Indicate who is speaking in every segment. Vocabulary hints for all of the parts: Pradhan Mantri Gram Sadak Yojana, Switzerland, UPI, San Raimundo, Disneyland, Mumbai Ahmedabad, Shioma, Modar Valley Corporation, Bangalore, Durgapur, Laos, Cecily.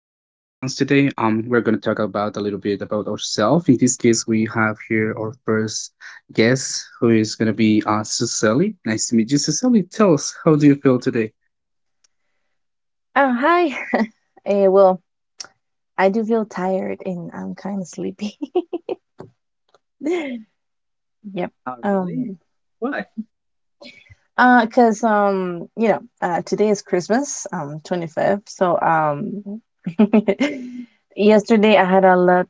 Speaker 1: today. We're gonna talk about a little bit about ourselves. In this case, we have here our first guest, who is gonna be Cecily. Nice to meet you, Cecily. Tell us, how do you feel today?
Speaker 2: Oh, hi. Eh, well, I do feel tired and I'm kind of sleepy. Yep.
Speaker 1: Oh, really?
Speaker 2: Um,
Speaker 1: Why?
Speaker 2: Cause today is Christmas, 25th. So, yesterday I had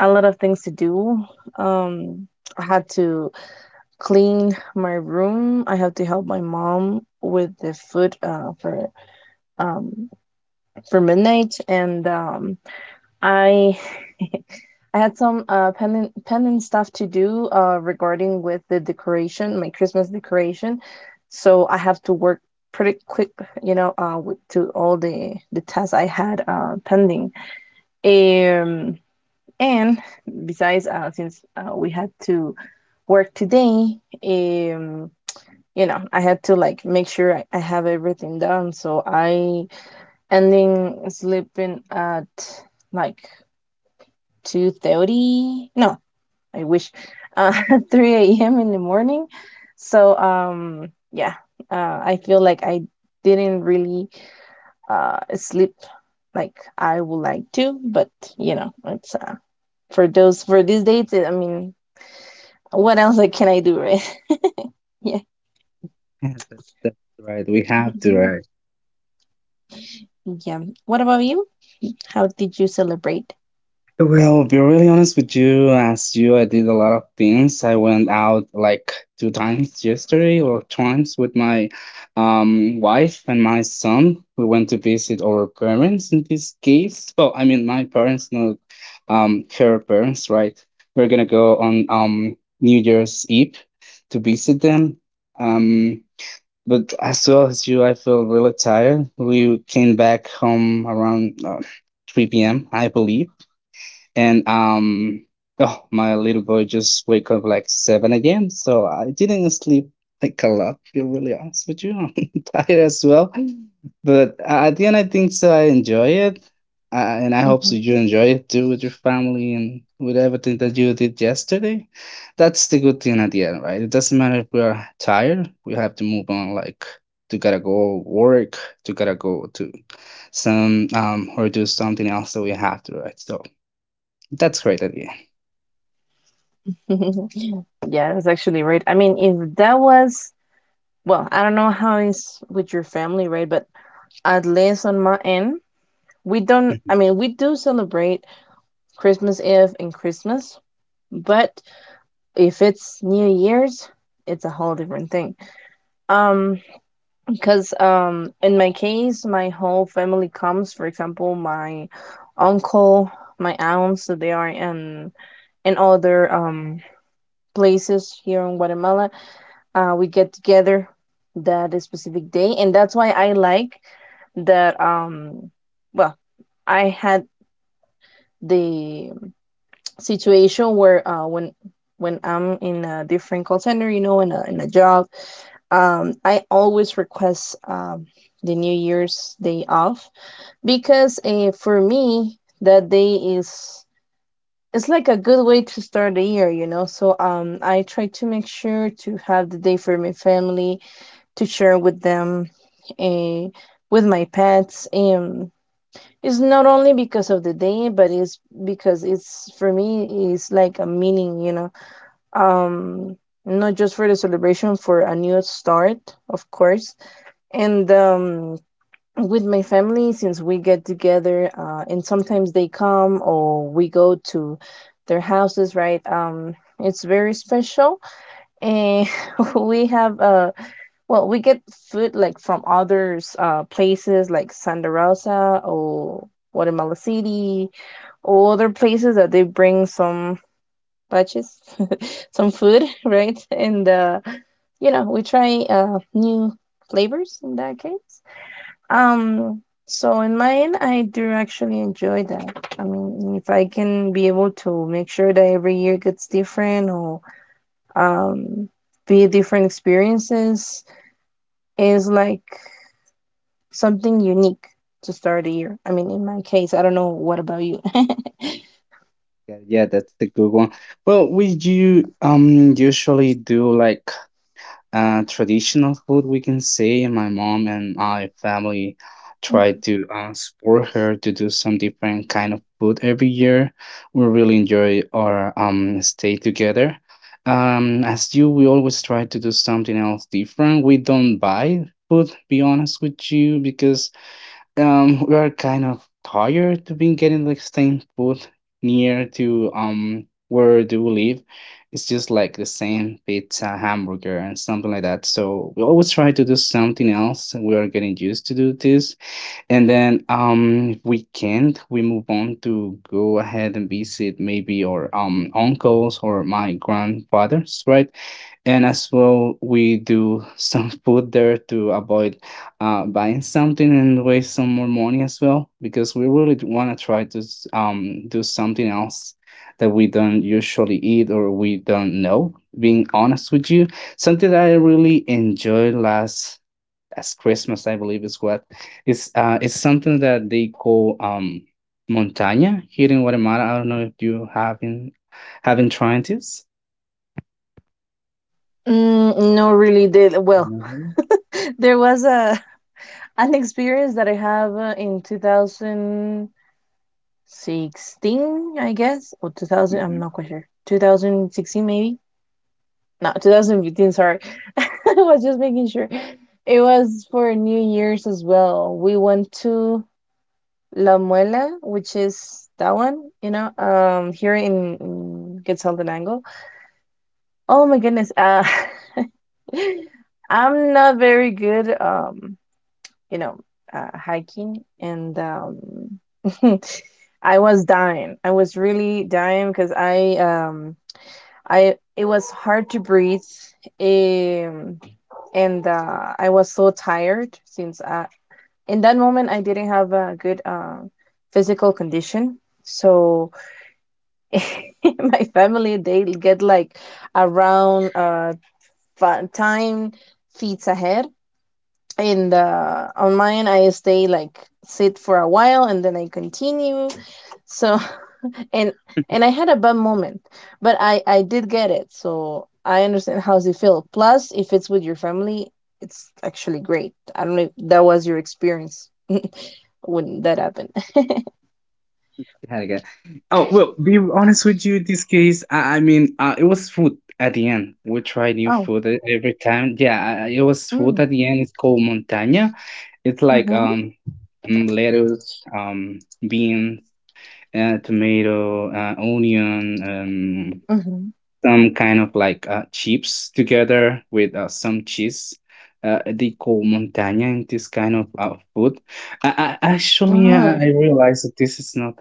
Speaker 2: a lot of things to do. Um, I had to clean my room. I had to help my mom with the food, um for midnight, and I I had some pending stuff to do regarding with the decoration, my Christmas decoration. So I have to work pretty quick, to all the tasks I had pending. Um, and besides, since we had to work today, um, I had to like make sure I have everything done. So I ending sleeping at like 2:30. No, I wish, uh, 3 a.m. in the morning. So, yeah, I feel like I didn't really sleep like I would like to, but you know, it's for these dates. I mean, what else, like, can I do, right? Yeah,
Speaker 1: Yeah, that's right. We have to, right?
Speaker 2: yeah. What about you? How did you celebrate?
Speaker 1: Well, be really honest with you, as you, I did a lot of things. I went out like two times yesterday or twice with my wife and my son. We went to visit our parents in this case. Well, I mean my parents, not her parents, right? We're gonna go on New Year's Eve to visit them. Um but as well as you, I feel really tired. We came back home around 3 p.m., I believe, and oh, my little boy just wake up like seven again, so I didn't sleep like a lot, to be really honest with you. I'm tired as well, but at the end, I think so I enjoy it, and I hope so
Speaker 2: Mhm.
Speaker 1: you enjoy it too with your family and with everything that you did yesterday. That's the good thing at the end, right? It doesn't matter if we're tired, we have to move on, like to gotta go work, to gotta go to some or do something else that we have to, right? So that's great idea.
Speaker 2: Yeah, that's actually right. I mean, if that was, well, I don't know how it's with your family, right? But at least on my end, we don't, I mean, we do celebrate Christmas Eve and Christmas, but if it's New Year's, it's a whole different thing, um because in my case my whole family comes, for example my uncle, my aunts. So they are in other places here in Guatemala. We get together that specific day, and that's why I like that. Well, I had the situation where when I'm in a different call center, in a job. I always request the New Year's Day off because for me that day is it's like a good way to start the year, you know. So I try to make sure to have the day for my family to share with them, uh, with my pets. And it's not only because of the day, but it's because it's for me it's like a meaning, you know, um not just for the celebration, for a new start, of course. And with my family, since we get together, and sometimes they come or we go to their houses, right? It's very special, and we have we get food like from others, places like Santa Rosa or Guatemala City or other places, that they bring some purchase, some food, right? And we try new flavors in that case. So in mine, I do actually enjoy that. I mean, if I can be able to make sure that every year gets different or um, be different experiences, is like something unique to start a year. I mean, in my case, I don't know, what about you?
Speaker 1: Yeah, yeah, that's the good one. Well, we do usually do like traditional food, we can say. My mom and my family try to support her to do some different kind of food every year. We really enjoy our stay together. As you, we always try to do something else different. We don't buy food, be honest with you, because we are kind of tired to be getting like same food near to where do we live. It's just like the same pizza, hamburger, and something like that. So we always try to do something else, and we are getting used to do this, and then if we can't, we move on to go ahead and visit maybe our uncles or my grandfathers, right? And as well we do some food there to avoid buying something and waste some more money as well, because we really want to try to do something else that we don't usually eat or we don't know, being honest with you. Something that I really enjoyed last as Christmas, I believe, is what is it's something that they call montaña here in Guatemala. I don't know if you have been haven't tried this.
Speaker 2: Mm, no, really did. Well,
Speaker 1: No.
Speaker 2: there was a an experience that I have in 2016, I guess, or 2000, I'm not quite sure. 2016, maybe? No, 2015, sorry. I was just making sure. It was for New Year's as well. We went to La Muela, which is that one, you know, here in Quetzaltenango. Oh my goodness. I'm not very good, you know, hiking, and I was dying. I was really dying because I, it was hard to breathe, um, and I was so tired, in that moment I didn't have a good physical condition. So my family, they get like around time feet ahead, in the on mine I stay like sit for a while, and then I continue. So and and I had a bad moment, but I did get it, so I understand how they feel. Plus, if it's with your family, it's actually great. I don't know if that was your experience when that happened.
Speaker 1: Had again. Oh, well, be honest with you. In this case, I mean, it was food at the end. We try new
Speaker 2: Oh.
Speaker 1: food every time. Yeah, it was
Speaker 2: Mm,
Speaker 1: food at the end. It's called montaña. It's like
Speaker 2: mm-hmm,
Speaker 1: lettuce, beans, tomato, onion, some kind of like chips together with some cheese. They call montaña in this kind of food. Actually,
Speaker 2: mm-hmm,
Speaker 1: I realized that this is not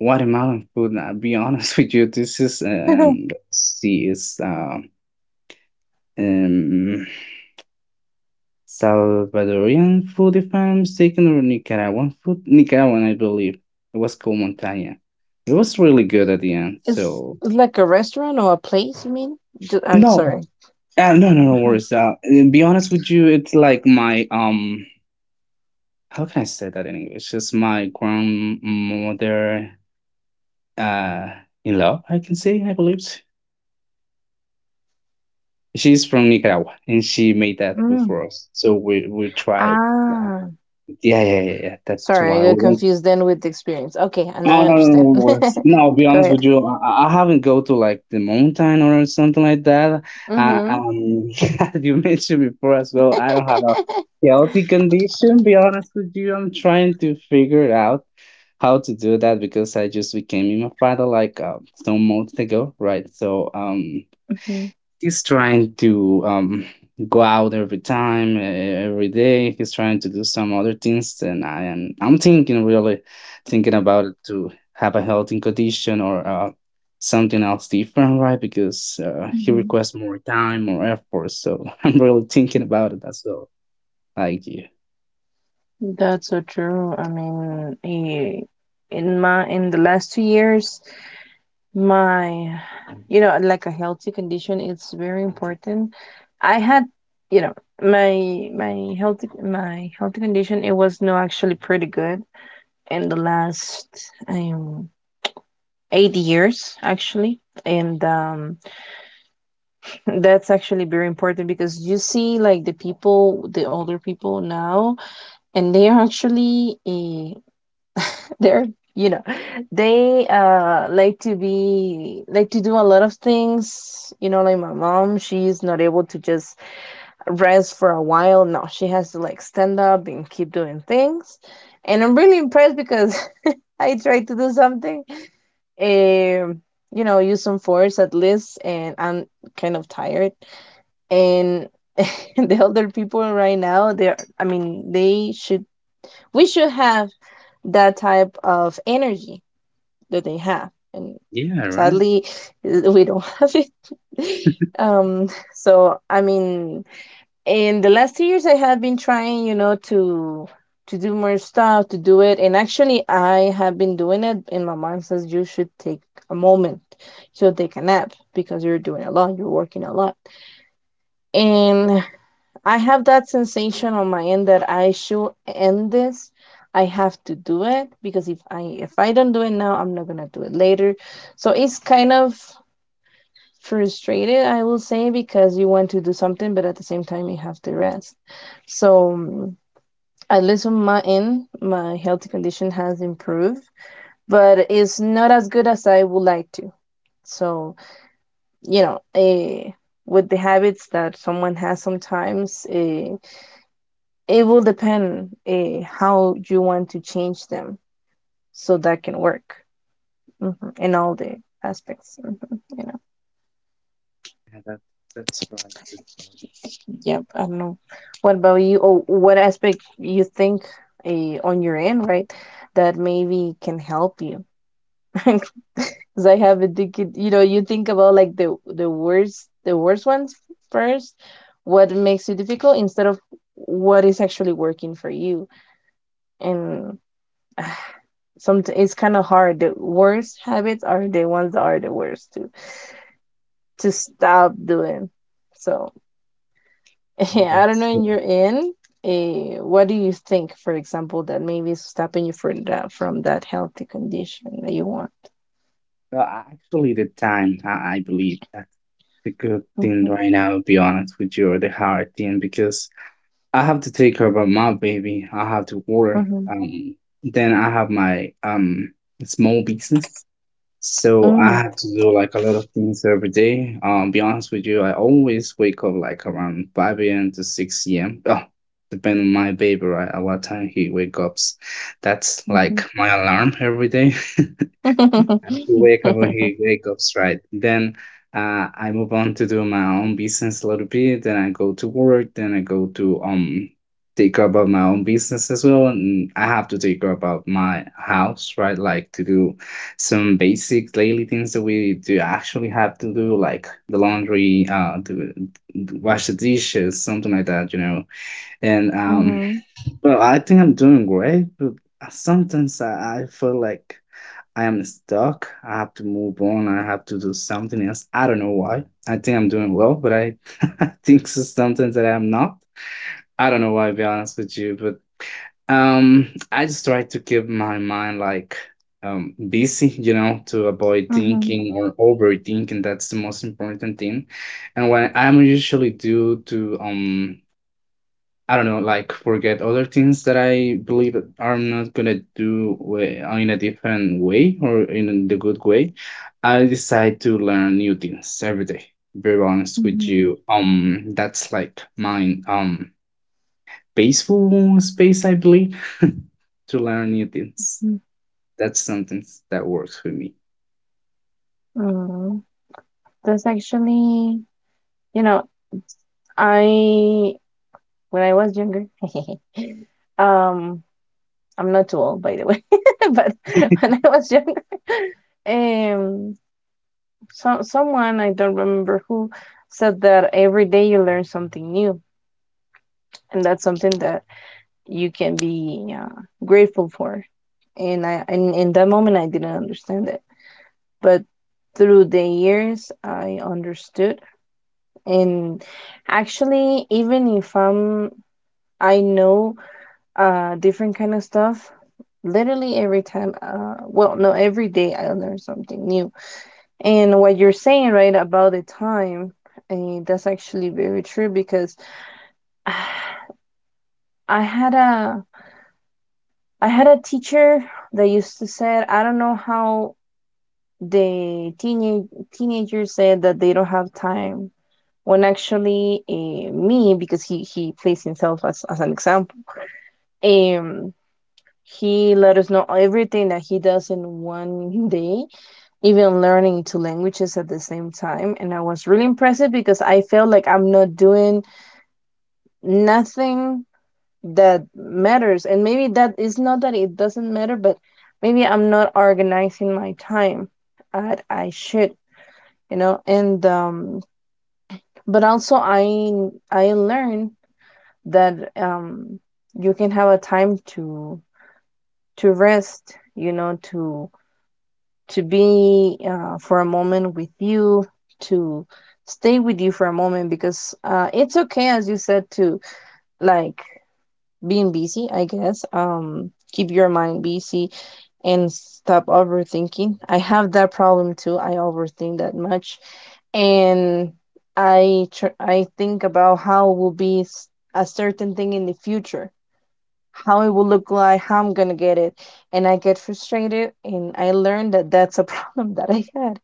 Speaker 1: watermelon food. I'll be honest with you. This is,
Speaker 2: mm.
Speaker 1: let's see, it's um, Salvadorian food, if I'm mistaken, or Nicaraguan food. Nicaraguan, I believe. It was called montaña. It was really good at the end.
Speaker 2: It's
Speaker 1: So,
Speaker 2: like a restaurant or a place, you mean? I'm
Speaker 1: no,
Speaker 2: sorry.
Speaker 1: No, no, no
Speaker 2: Uh-huh.
Speaker 1: worries. To be honest with you, it's like my how can I say that in English? It's my grandmother, uh, in law, I can say. I believe she's from Nicaragua, and she made that food
Speaker 2: Mm.
Speaker 1: for us. So we tried.
Speaker 2: ah
Speaker 1: Yeah, yeah, yeah, yeah. That's
Speaker 2: Sorry,
Speaker 1: why
Speaker 2: I got
Speaker 1: we
Speaker 2: confused then with the experience. Okay, and I
Speaker 1: oh, no, no, no,
Speaker 2: understand.
Speaker 1: no worries. No, I'll be
Speaker 2: Go
Speaker 1: honest with
Speaker 2: ahead.
Speaker 1: you. I haven't go to like the mountain or something like that. Uh,
Speaker 2: Mm-hmm.
Speaker 1: um, as you mentioned before as well, I don't have a healthy condition. Be honest with you, I'm trying to figure it out how to do that, because I just became a father like some months ago, right? So
Speaker 2: Mhm,
Speaker 1: he's trying to go out every time every day, he's trying to do some other things, and I'm thinking, really thinking about it to have a health condition or something else different, right? Because he
Speaker 2: mhm.
Speaker 1: requests more time, more effort. So I'm really thinking about it as well, like you.
Speaker 2: That's so true. I mean, in the last 2 years, my, you know, like a healthy condition, it's very important. I had, you know, my healthy condition. It was no actually pretty good in the last um 8 years actually, and that's actually very important. Because you see, like the people, the older people now, and they are actually, they're, you know, they like to do a lot of things. You know, like my mom, she's not able to just rest for a while. No, she has to like stand up and keep doing things. And I'm really impressed because I tried to do something, um, use some force at least, and I'm kind of tired. And the older people right now, they're I mean, they should we should have that type of energy that they have, and
Speaker 1: Yeah, right,
Speaker 2: sadly we don't have it. So I mean, in the last 2 years, I have been trying, to do more stuff, to do it. And actually, I have been doing it, and my mom says you should take a moment, you should take a nap because you're doing a lot, you're working a lot. And I have that sensation on my end that I should end this. I have to do it because if I don't do it now, I'm not gonna do it later. So it's kind of frustrated, I will say, because you want to do something, but at the same time you have to rest. So at least on my end, my healthy condition has improved, but it's not as good as I would like to. So you know, with the habits that someone has sometimes. It will depend, how you want to change them so that can work, mhm, in all the aspects. Mhm, you know,
Speaker 1: yeah, that's right, that's,
Speaker 2: yep. I don't know, what about you? Or what aspect you think, on your end, right, that maybe can help you? Because I have a ticket. You know, you think about like the worst ones first. What makes it difficult instead of what is actually working for you, and some, it's kind of hard. The worst habits are the ones that are the worst to stop doing. So
Speaker 1: right.
Speaker 2: I don't know.
Speaker 1: That's-
Speaker 2: In your end, what do you think? For example, that maybe is stopping you from that healthy condition that you want.
Speaker 1: Uh, actually, the time, I believe that's the good thing
Speaker 2: Mm-hmm,
Speaker 1: right now. To be honest with you, or the hard thing, because I have to take care of my baby. I have to work.
Speaker 2: mm-hmm,
Speaker 1: Um, then I have my small business, so I
Speaker 2: mm,
Speaker 1: have to do like a lot of things every day. Be honest with you, I always wake up like around five a.m. to six a.m. Oh, depending on my baby, right? At what time he wakes up, that's
Speaker 2: mm-hmm.
Speaker 1: like my alarm every day. Wake up when he wake ups, right? Then I move on to do my own business a little bit, then I go to work, then I go to take care about my own business as well, and I have to take care about my house, right? Like to do some basic daily things that we do actually have to do, like the laundry, to wash the dishes, something like that, you know. And
Speaker 2: Mm-hmm,
Speaker 1: well, I think I'm doing great, but sometimes I feel like I am stuck. I have to move on. I have to do something else. I don't know why. I think I'm doing well, but I think so sometimes that I'm not. I don't know why, to be honest with you, but I just try to keep my mind like busy, you know, to avoid
Speaker 2: mm-hmm,
Speaker 1: thinking or overthinking. That's the most important thing. And what I'm usually do to I don't know, like forget other things that I believe that I'm not gonna do way, in a different way or in the good way. I decide to learn new things every day. Very honest with
Speaker 2: mm-hmm,
Speaker 1: you, that's like mine, peaceful space, I believe, to learn new things. That's something that works for me.
Speaker 2: mm-hmm. That's actually, you know, I when I was younger, um, I'm not too old, by the way, but when I was young, um, someone I don't remember who said that every day you learn something new, and that's something that you can be grateful for. And and in that moment, I didn't understand it, but through the years, I understood. And actually, even if I'm, I know different kind of stuff literally every time, well no every day I learn something new. And what you're saying, right, about the time, and that's actually very true because I had a I had a teacher that used to say, I don't know how the teenage teenagers said that they don't have time. When actually, because he plays himself as an example, um, he let us know everything that he does in one day, even learning 2 languages at the same time. And I was really impressed because I felt like I'm not doing nothing that matters, and maybe that is not that it doesn't matter, but maybe I'm not organizing my time as I should, you know. And but also I learned that you can have a time to rest, you know, to be for a moment with you, to stay with you for a moment. Because it's okay, as you said, to like being busy, I guess. Keep your mind busy and stop overthinking. I have that problem too. I overthink that much, and I think about how will be a certain thing in the future, how it will look like, how I'm gonna get it, and I get frustrated. And I learned that that's a problem that I had.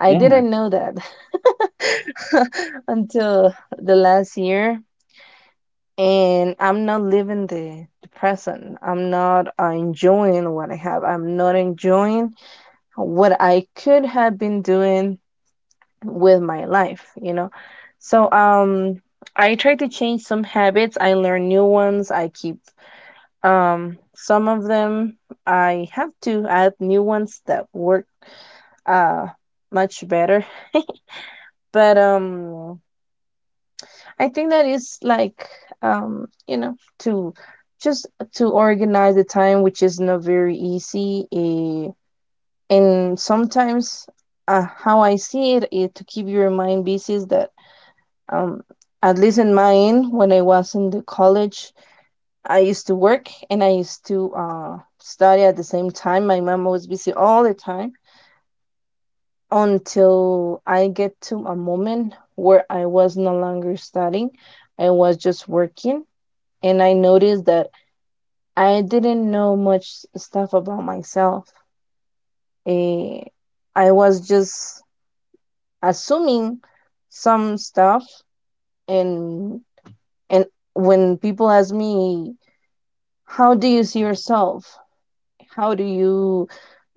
Speaker 2: I
Speaker 1: Yeah.
Speaker 2: didn't know that until the last year, and I'm not living the present. I'm not enjoying what I have. I'm not enjoying what I could have been doing with my life, you know. So I try to change some habits. I learn new ones. I keep some of them. I have to add new ones that work uh much better. But I think that is like to just to organize the time, which is not very easy. And sometimes how I see it is to keep your mind busy is that um, at least in mine, when I was in the college, I used to work and I used to study at the same time. My mom was busy all the time until I get to a moment where I was no longer studying. I was just working, and I noticed that I didn't know much stuff about myself. Eh, I was just assuming some stuff, and and when people ask me, "How do you see yourself? How do you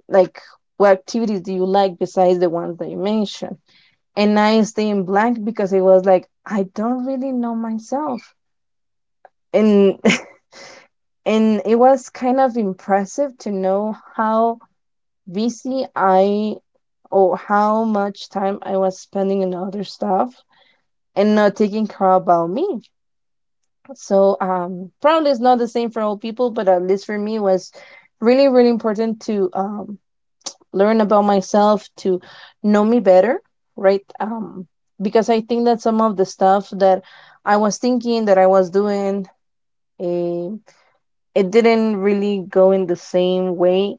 Speaker 2: like? What activities do you like besides the ones that you mentioned?" And I stay in blank because it was like I don't really know myself, and and it was kind of impressive to know how VCI or how much time I was spending in other stuff and not taking care about me. So probably it's not the same for all people, but at least for me it was really really important to learn about myself, to know me better, right? Because I think that some of the stuff that I was thinking that I was doing, eh, it didn't really go in the same way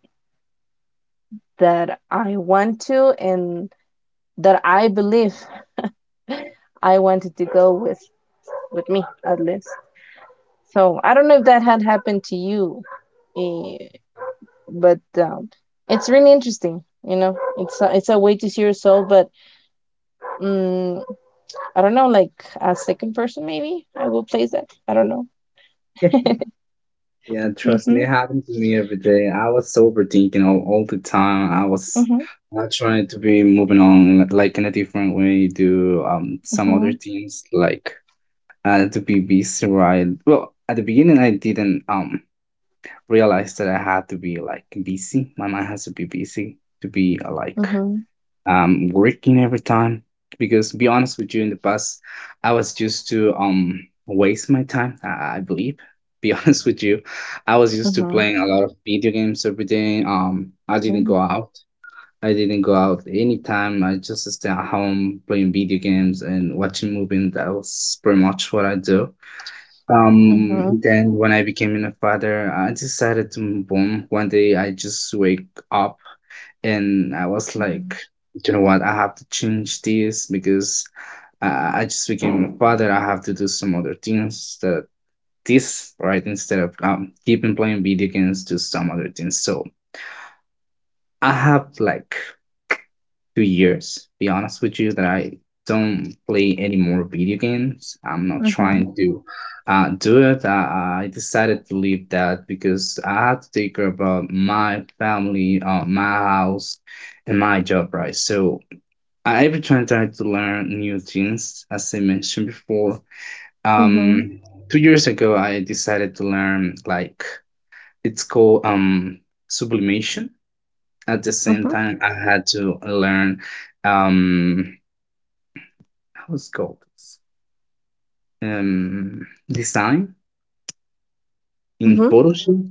Speaker 2: that I want to and that I believe I wanted to go with me at least. So I don't know if that had happened to you, eh, but it's really interesting. You know, it's a way to see your soul, but mm I don't know, like a second person maybe. I will place that. I don't know.
Speaker 1: Yeah, trust me, it
Speaker 2: Mhm.
Speaker 1: happened to me every day. I was overthinking all the time. I was
Speaker 2: Mhm.
Speaker 1: not trying to be moving on like in a different way to some other
Speaker 2: Mhm.
Speaker 1: things, like to be busy, right? Well, at the beginning I didn't realize that I had to be like busy. My mind has to be busy to be like
Speaker 2: Mhm.
Speaker 1: working every time. Because to be honest with you, in the past, I was used to waste my time, I believe. Be honest with you, I was
Speaker 2: Mhm.
Speaker 1: used to
Speaker 2: Mhm.
Speaker 1: playing a lot of video games every day. I didn't go out. I didn't go out anytime. I just stay at home playing video games and watching movies. That was pretty much what I do.
Speaker 2: Mhm.
Speaker 1: Then when I became a father, I decided to move on. One day I just wake up and I was like, you know what, I have to change this, because I just became a father. I have to do some other things that this, right? Instead of keeping playing video games, do some other things. So I have like 2 years, be honest with you, that I don't play any more video games. I'm not
Speaker 2: Mhm.
Speaker 1: trying to do it. I decided to leave that, because I had to take care about my family, my house, and my job, right? So I every time try to learn new things, as I mentioned before.
Speaker 2: Mhm.
Speaker 1: Um, 2 years ago, I decided to learn like it's called sublimation. At the same
Speaker 2: Mhm.
Speaker 1: time, I had to learn um how it's called, design in
Speaker 2: Mhm.
Speaker 1: Photoshop.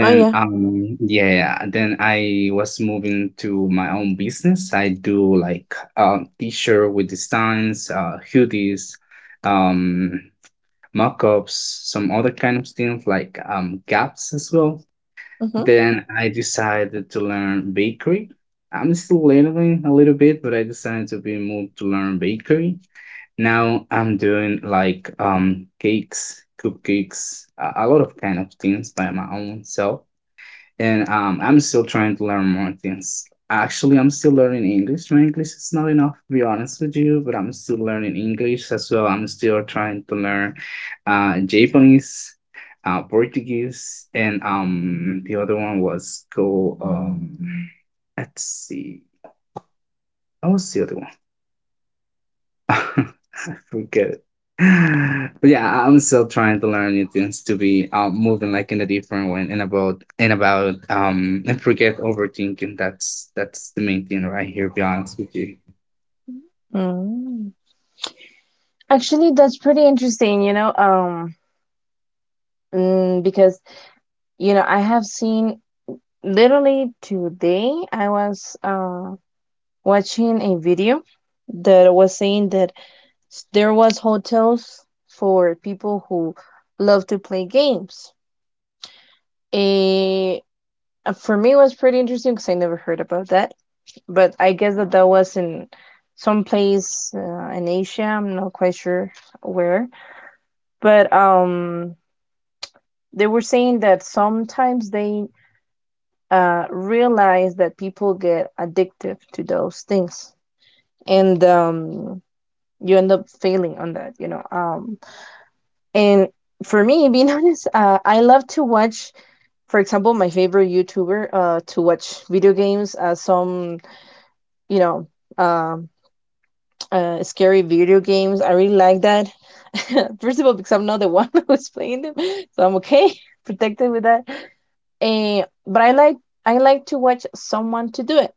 Speaker 2: Oh, yeah.
Speaker 1: I was moving to my own business. I do like t-shirt with designs, hoodies, um mock-ups, some other kind of things like gaps as well.
Speaker 2: Mhm.
Speaker 1: Then I decided to learn bakery. I'm still learning a little bit, but I decided to be moved to learn bakery. Now I'm doing like cakes, cupcakes, a lot of kind of things by my own self. And I'm still trying to learn more things. Actually, I'm still learning English. My English is not enough, to be honest with you, but I'm still learning English as well. I'm still trying to learn Japanese, Portuguese, and the other one was go. Let's see, what was the other one? Forget it. But yeah, I'm still trying to learn new things to be moving like in a different way and forget overthinking. That's the main thing right here, be honest with you.
Speaker 2: Mm. Actually, that's pretty interesting. You know, because I have seen literally today, I was watching a video that was saying that there was hotels for people who love to play games. Eh, for me, it was pretty interesting because I never heard about that. But I guess that that was in some place in Asia. I'm not quite sure where. But they were saying that sometimes they realize that people get addictive to those things, and you end up failing on that, you know, and for me, being honest, I love to watch, for example, my favorite YouTuber to watch video games, some you know um, scary video games. I really like that, first of all because I'm not the one who's playing them, so I'm okay, protected with that. And, but I like I like to watch someone to do it.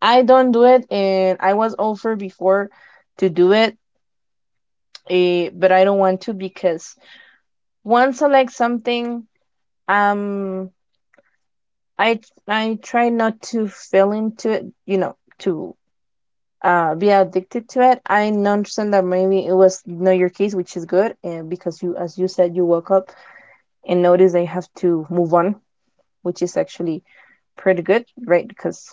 Speaker 2: I don't do it, and I was offered before to do it, but I don't want to because once I like something, um, I I try not to fall into it, you know, to be addicted to it. I understand that maybe it was not your case, which is good, and because you, as you said, you woke up and noticed that you have to move on, which is actually pretty good, right? Because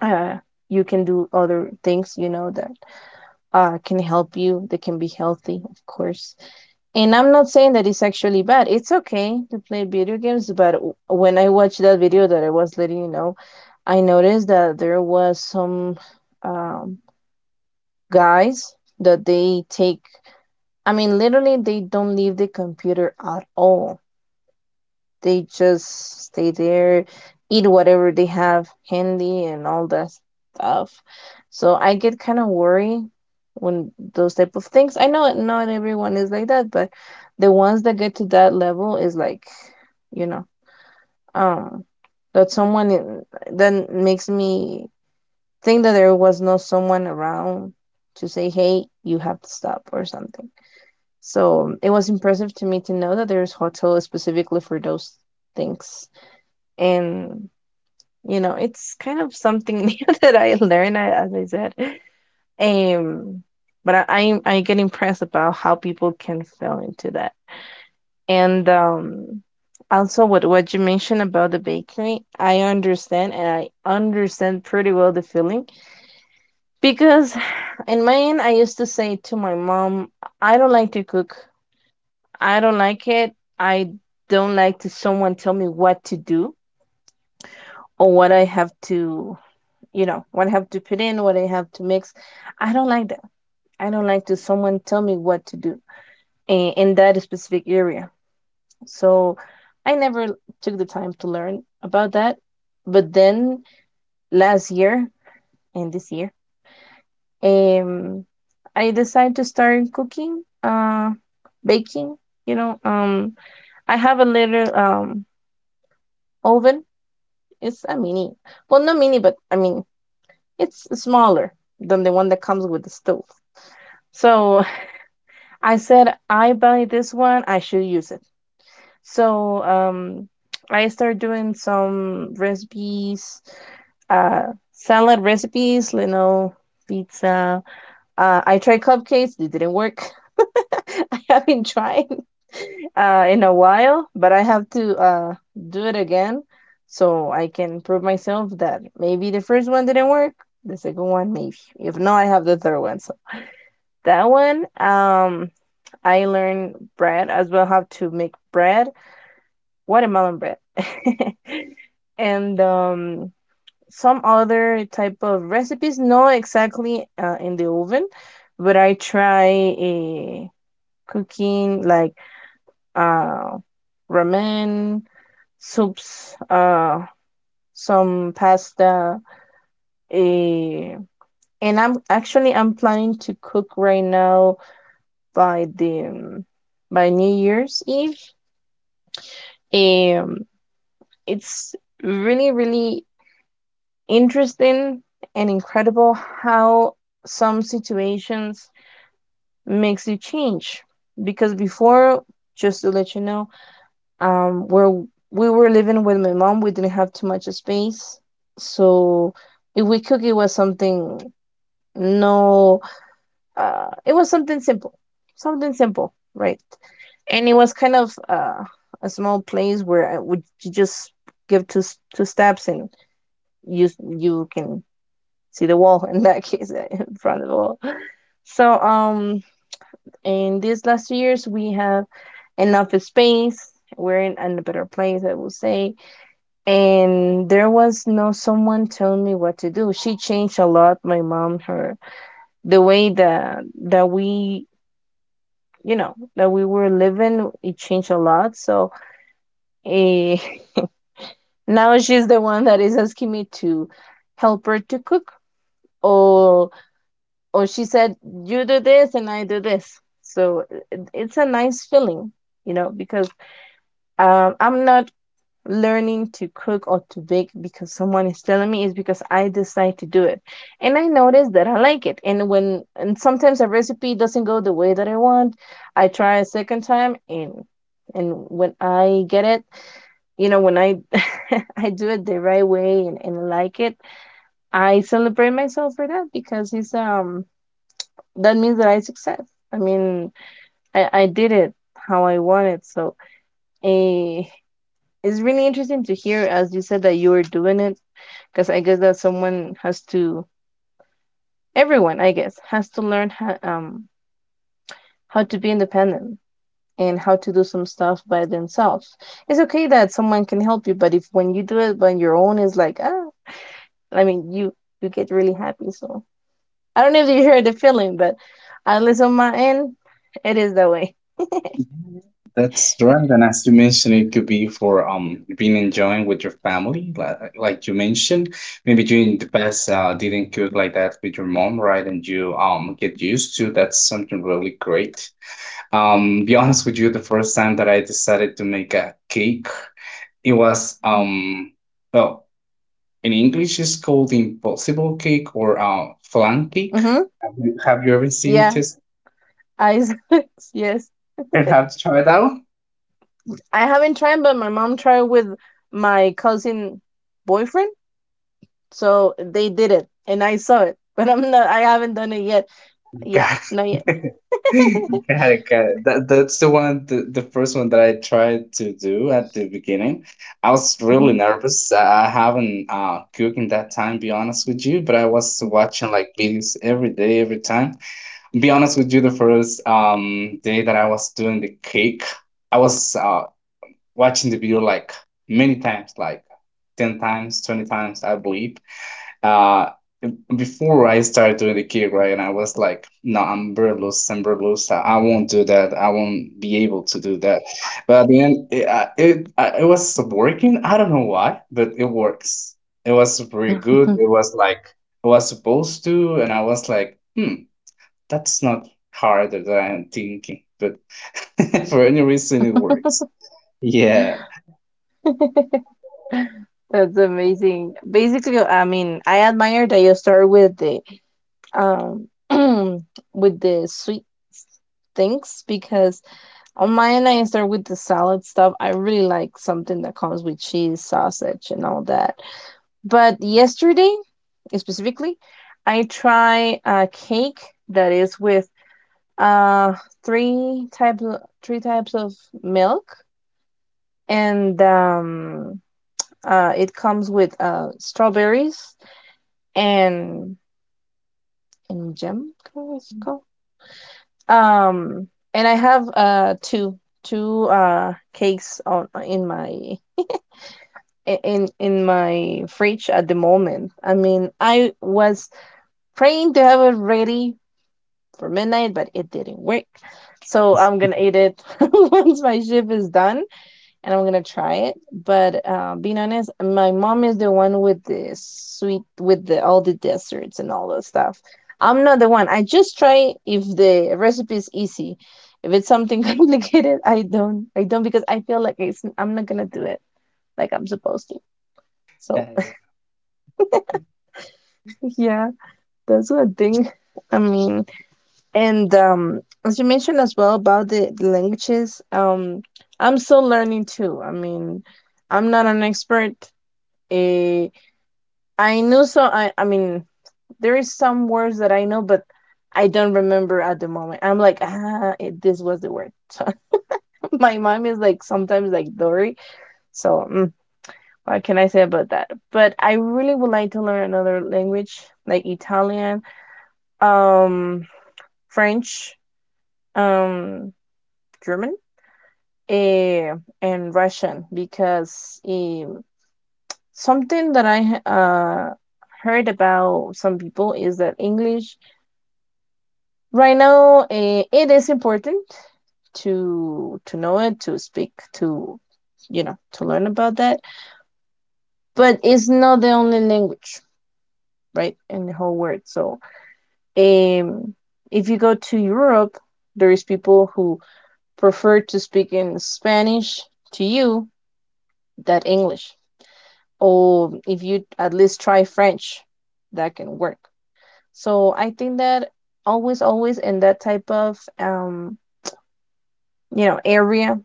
Speaker 2: uh, you can do other things, you know, that can help you, that can be healthy, of course. And I'm not saying that it's actually bad. It's okay to play video games, but when I watched that video that I was letting you know, I noticed that there was some um, guys that they take. I mean, literally, they don't leave the computer at all. They just stay there, eat whatever they have handy, and all that stuff. So I get kind of worried when those type of things. I know not everyone is like that, but the ones that get to that level is like, you know, um, that someone that makes me think that there was no someone around to say, hey, you have to stop or something. So it was impressive to me to know that there's hotel specifically for those things, and you know it's kind of something new that I learned, as I said. Um, but I get impressed about how people can fall into that. And also what you mentioned about the bakery, I understand, and I understand pretty well the feeling because in my end I used to say to my mom, I don't like to cook, I don't like it, I don't like to someone tell me what to do or what I have to, you know, what I have to put in, what I have to mix. I don't like that. I don't like to someone tell me what to do in that specific area. So I never took the time to learn about that. But then last year and this year, um, I decided to start cooking, baking. You know, I have a little oven. It's a mini, well, not mini, but I mean it's smaller than the one that comes with the stove. So I said, I buy this one, I should use it. So I started doing some recipes, uh, salad recipes, you know, pizza. I tried cupcakes, they didn't work. I haven't tried in a while, but I have to do it again so I can prove myself that maybe the first one didn't work, the second one maybe. If not, I have the third one. So that one, I learned bread as well, how to make bread, watermelon bread, and some other type of recipes. Not exactly in the oven, but I try a cooking like uh, ramen, soups, some pasta, a and I'm planning to cook right now by the by New Year's Eve. Um, it's really, really interesting and incredible how some situations makes you change. Because before, just to let you know, where we were living with my mom, we didn't have too much space. So if we cook, it was something no, it was something simple, right? And it was kind of a small place where I would you just give two steps and you can see the wall in that case in front of the wall. So in these last 2 years we have enough space. We're in a better place, I will say, and there was no someone telling me what to do. She changed a lot, my mom, her the way that we, you know, that we were living, it changed a lot. So eh, now she's the one that is asking me to help her to cook, or or she said you do this and I do this. So it's a nice feeling, you know, because I'm not learning to cook or to bake because someone is telling me. It's because I decide to do it, and I notice that I like it. And when and sometimes a recipe doesn't go the way that I want, I try a second time, and when I get it, you know, when I I do it the right way, and like it, I celebrate myself for that, because it's that means that I success. I mean, I did it how I wanted. So eh, it's really interesting to hear, as you said, that you were doing it, because I guess that someone has to, everyone, I guess, has to learn how to be independent and how to do some stuff by themselves. It's okay that someone can help you, but if when you do it by your own, it's like, ah, I mean, you get really happy. So I don't know if you heard the feeling, but at least on my end, it is that way.
Speaker 1: That's right. And as you mentioned, it could be for being enjoying with your family, like you mentioned. Maybe during the past didn't cook like that with your mom, right? And you get used to, that's something really great. Be honest with you, the first time that I decided to make a cake, it was well, in English it's called impossible cake or flan cake.
Speaker 2: Mm-hmm.
Speaker 1: Have you ever seen
Speaker 2: Yeah,
Speaker 1: this?
Speaker 2: Isaacs, yes.
Speaker 1: And have you tried out?
Speaker 2: I haven't tried, but my mom tried with my cousin boyfriend, so they did it, and I saw it, but I'm not. I haven't done it yet. Yeah,
Speaker 1: Got
Speaker 2: not yet.
Speaker 1: it. Got it. Got it. That's the one, the first one that I tried to do at the beginning. I was really
Speaker 2: Mhm.
Speaker 1: nervous. I haven't cooked in that time, be honest with you, but I was watching like videos every day, every time. Be honest with you, the first day that I was doing the cake, I was watching the video like many times, like 10 times, 20 times, I believe. Uh, Before I started doing the gig, right? And I was like, no, I'm Berlos, I'm Berlos. I won't do that. I won't be able to do that. But at the end, it was working. I don't know why, but it works. It was pretty good. It was like, I was supposed to, and I was like, hmm, that's not harder than I'm thinking. But for any reason, it works. Yeah.
Speaker 2: That's amazing. Basically, I mean, I admire that you start with the um with the sweet things, because on my end I start with the salad stuff. I really like something that comes with cheese, sausage, and all that. But yesterday, specifically, I try a cake that is with uh three types, three types of milk, and it comes with strawberries and jam. It's called um, and I have two cakes on in my fridge at the moment. I mean, I was praying to have it ready for midnight, but it didn't work. So I'm gonna eat it once my shift is done, and I'm gonna try it. But being honest, my mom is the one with the sweet, with the all the desserts and all that stuff. I'm not the one. I just try if the recipe is easy. If it's something complicated, I don't. I don't because I feel like it's. I'm not gonna do it like I'm supposed to. So yeah, that's one thing. I mean. And as you mentioned as well about the languages, I'm still learning too. I mean, I'm not an expert. Uh, I know, so I mean there is some words that I know, but I don't remember at the moment. I'm like this was the word. So my mom is like sometimes like Dory. So what can I say about that? But I really would like to learn another language like Italian, um, French, um, German, eh, and Russian because something that I heard about some people is that English right now, it is important to know it, to speak to, you know, to learn about that, but it's not the only language, right, in the whole world. So um if you go to Europe, there is people who prefer to speak in Spanish to you that English, or if you at least try French, that can work. So I think that always, always in that type of, area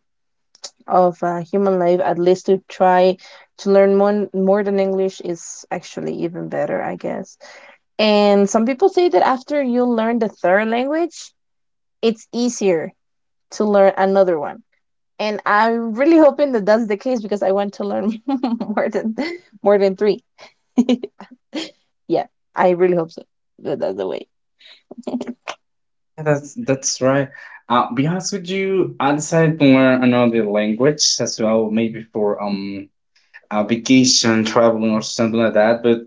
Speaker 2: of, human life, at least to try to learn more than English is actually even better, I guess. And some people say that after you learn the third language, it's easier to learn another one. And I'm really hoping that that's the case because I want to learn more than three. Yeah, I really hope so. That's the way.
Speaker 1: Yeah, that's right. Be honest with you, I decided to learn another language as well, maybe for a vacation, traveling or something like that. But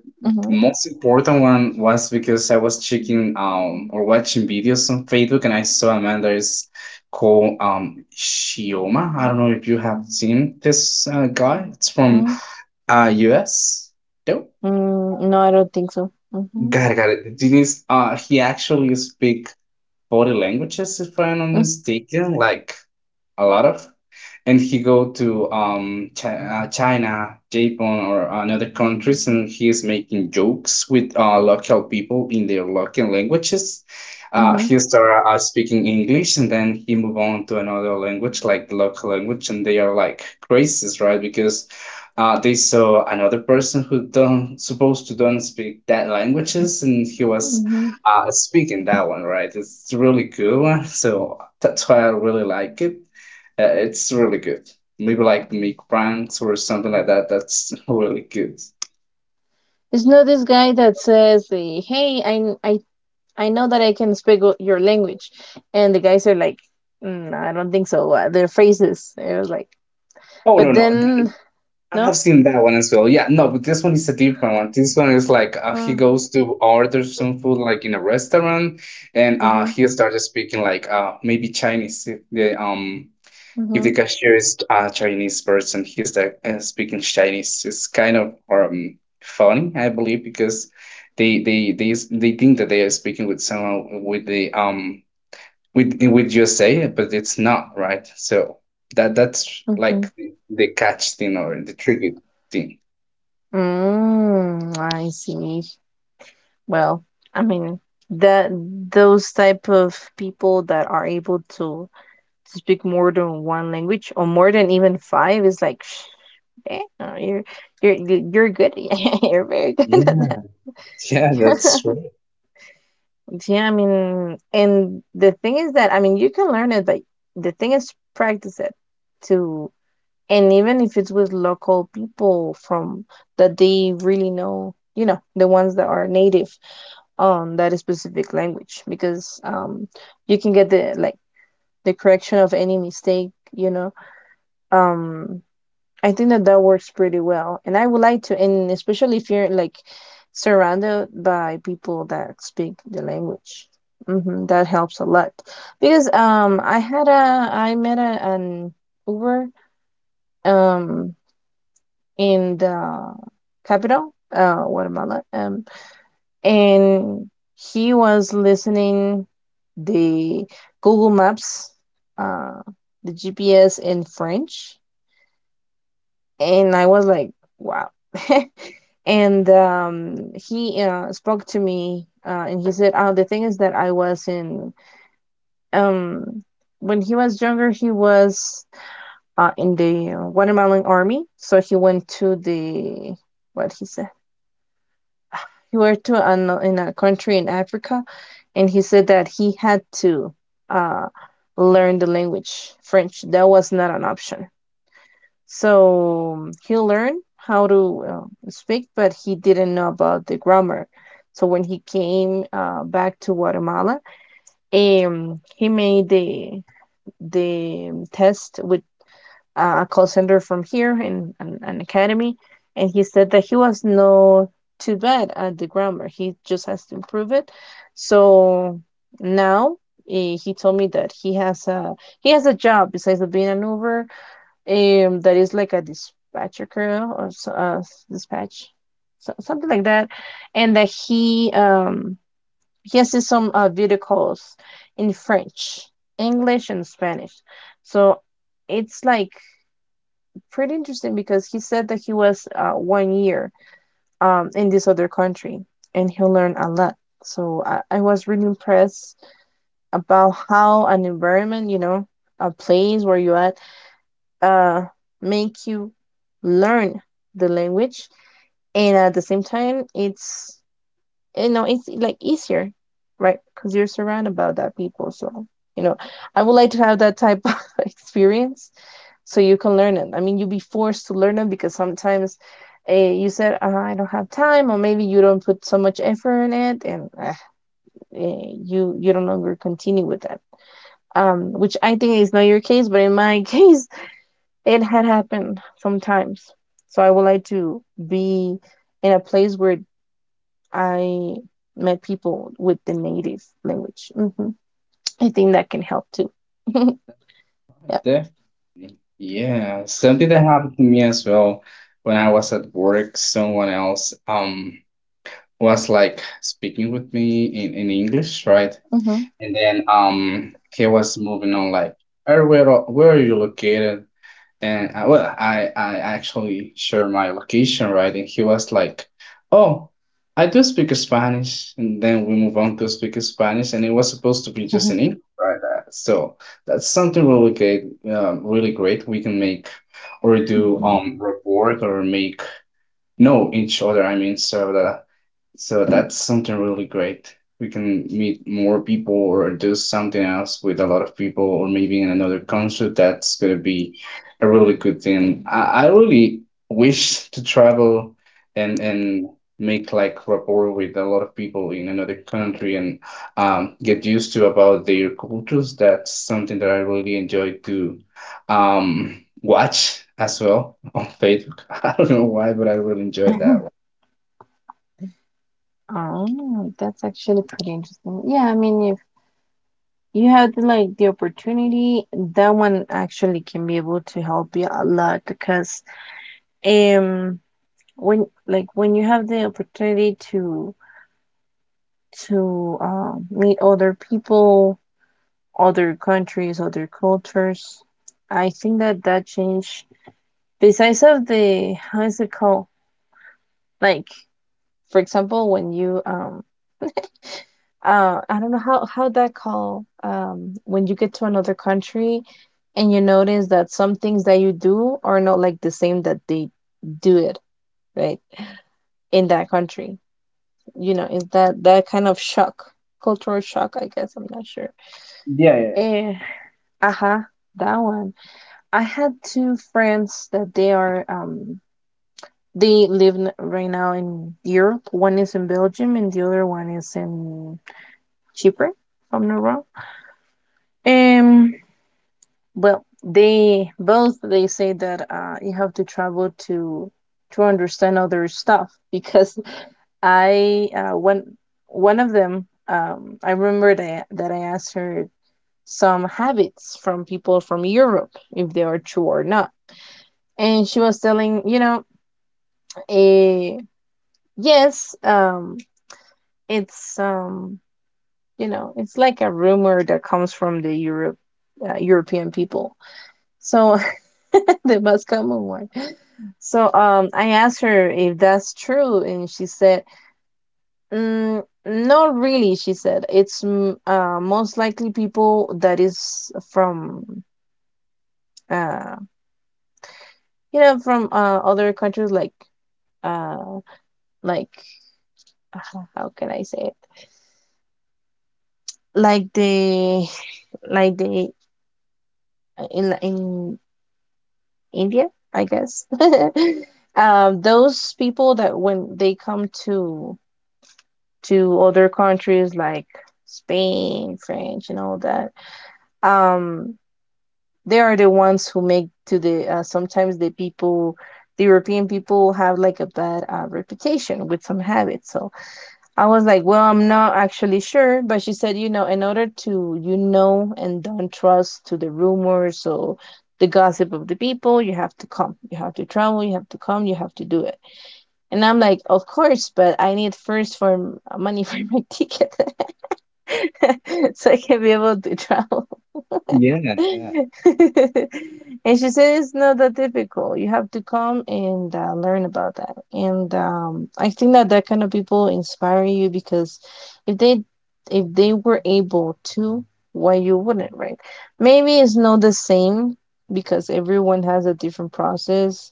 Speaker 1: the
Speaker 2: Mm-hmm.
Speaker 1: most important one was because I was checking or watching videos on Facebook, and I saw a man that is called Shioma. I don't know if you have seen this guy. It's from
Speaker 2: Mm,
Speaker 1: US. No,
Speaker 2: no, I don't think so. Mm-hmm.
Speaker 1: got it, got it. The thing is, he actually speak body languages, if I'm not mistaken, like a lot of, and he go to China, Japan or another countries, and he is making jokes with local people in their local languages.
Speaker 2: Mm-hmm.
Speaker 1: He start speaking English, and then he move on to another language like the local language, and they are like crazies, right? Because they saw another person who don't supposed to don't speak that languages, and he was
Speaker 2: Mm-hmm.
Speaker 1: speaking that one, right? It's really cool, so that's why I really like it. It's really good. Maybe like make pranks or something like that. That's really good.
Speaker 2: It's not this guy that says, "Hey, I know that I can speak your language," and the guys are like, no, "I don't think so." Their phrases. It was like,
Speaker 1: Oh, no,
Speaker 2: but
Speaker 1: no,
Speaker 2: then
Speaker 1: I have
Speaker 2: no.
Speaker 1: seen that one as well. Yeah, no, but this one is a different one. This one is like he
Speaker 2: Mm,
Speaker 1: goes to order some food like in a restaurant, and
Speaker 2: mm-hmm.
Speaker 1: he started speaking like maybe Chinese. If the
Speaker 2: Mm-hmm.
Speaker 1: cashier is a Chinese person, he start speaking Chinese. It's kind of funny, I believe, because they think that they are speaking with someone with the with USA, but it's not right. So that's
Speaker 2: Mm-hmm.
Speaker 1: like the catch thing or the tricky thing.
Speaker 2: I see. Well, I mean that those type of people that are able to speak more than one language or more than even five is like, "Shh, damn, you're you- are you are you are good. You're very good at
Speaker 1: Yeah, yeah, that's
Speaker 2: that."
Speaker 1: true.
Speaker 2: Yeah, I mean, and the thing is that, I mean, you can learn it, but the thing is practice it too, and even if it's with local people from that they really know, you know, the ones that are native on that specific language, because you can get the, correction of any mistake, um I think that that works pretty well. And I would like to, and especially if you're like surrounded by people that speak the language. That helps a lot. Because I had a, an Uber um in the capital, Guatemala. And he was listening the Google Maps, uh the GPS in French. And I was like, wow. And he, spoke to me, and he said, oh, the thing is that, I was in um, when he was younger, he was, in the watermelon army. So he went to the, what he said, he went to in a country in Africa, and he said that he had to, uh, learn the language French, that was not an option. So he learned how to, speak, but he didn't know about the grammar. So when he came, back to Guatemala, he made the test with, a call center from here in an academy, and he said that he was not too bad at the grammar. He just has to improve it. So now, he told me that he has a job besides of being an Uber, that is like a dispatcher girl or so, dispatch, so, something like that, and that he has some, video calls in French, English, and Spanish. So it's like pretty interesting because he said that he was, 1 year in this other country, and he learned a lot. So I was really impressed about how an environment, you know, a place where you at, uh, make you learn the language, and at the same time it's, like easier, right, because you're surrounded by that people. So you know I would like to have that type of experience so you can learn it. I mean, you'll be forced to learn it because sometimes, you said, I don't have time, or maybe you don't put so much effort in it, and, you don't longer continue with that, which I think is not your case, but in my case it had happened sometimes. So I would like to be in a place where I met people with the native language. I think that can help too. Yeah.
Speaker 1: Definitely. Yeah, something that happened to me as well when I was at work. Someone else was like speaking with me in English, right?
Speaker 2: Hmm.
Speaker 1: And then he was moving on like, "Hey, where are you located?" And I, well, I actually shared my location, right? And he was like, "Oh, I do speak Spanish." And then we move on to speak Spanish, and it was supposed to be just in English, right? So that's something really great, really great we can make or do report or make know each other, I mean. So that's something really great. We can meet more people or do something else with a lot of people, or maybe in another country. That's gonna be a really good thing. I really wish to travel and make like rapport with a lot of people in another country and get used to about their cultures. That's something that I really enjoy to watch as well on Facebook. I don't know why, but I really enjoy that one.
Speaker 2: Oh, that's actually pretty interesting. Yeah, I mean, if you have the, opportunity, that one actually can be able to help you a lot, because um when you have the opportunity to meet other people, other countries, other cultures. I think that that change, besides of the, how is it called? Like, for example, when you, I don't know how that call, when you get to another country and you notice that some things that you do are not like the same that they do it right in that country. You know, is that that kind of shock, cultural shock? I guess I'm not sure.
Speaker 1: Yeah,
Speaker 2: Eh, uh-huh, that one. I had two friends that they live, right now, in Europe. One is in Belgium and the other one is in Cyprus, if I'm not wrong. Um, well, they say that, you have to travel to understand other stuff, because I one of them, I remember that I asked her some habits from people from Europe, if they are true or not. And she was telling, eh, yes, it's like a rumor that comes from European people. So the most common one. So, I asked her if that's true, and she said, "Not really." She said, "It's most likely people that is from." Uh, you know, from, other countries, like, uh like how can I say it, like they in india I guess. Those people that, when they come to other countries like Spain, French, and all that, um they are the ones who make to the, sometimes the European people have like a bad, reputation with some habits. So I was like, well, I'm not actually sure, but she said, in order to, and don't trust to the rumors or the gossip of the people, you have to come. You have to travel, you have to come, you have to do it. And I'm like, of course, but I need first for money for my ticket so I can be able to travel.
Speaker 1: yeah, yeah,
Speaker 2: And she said it's not that difficult. You have to come and, learn about that. And, I think that that kind of people inspire you, because if they if they were able to, why you wouldn't, right? Maybe it's not the same, because everyone has a different process,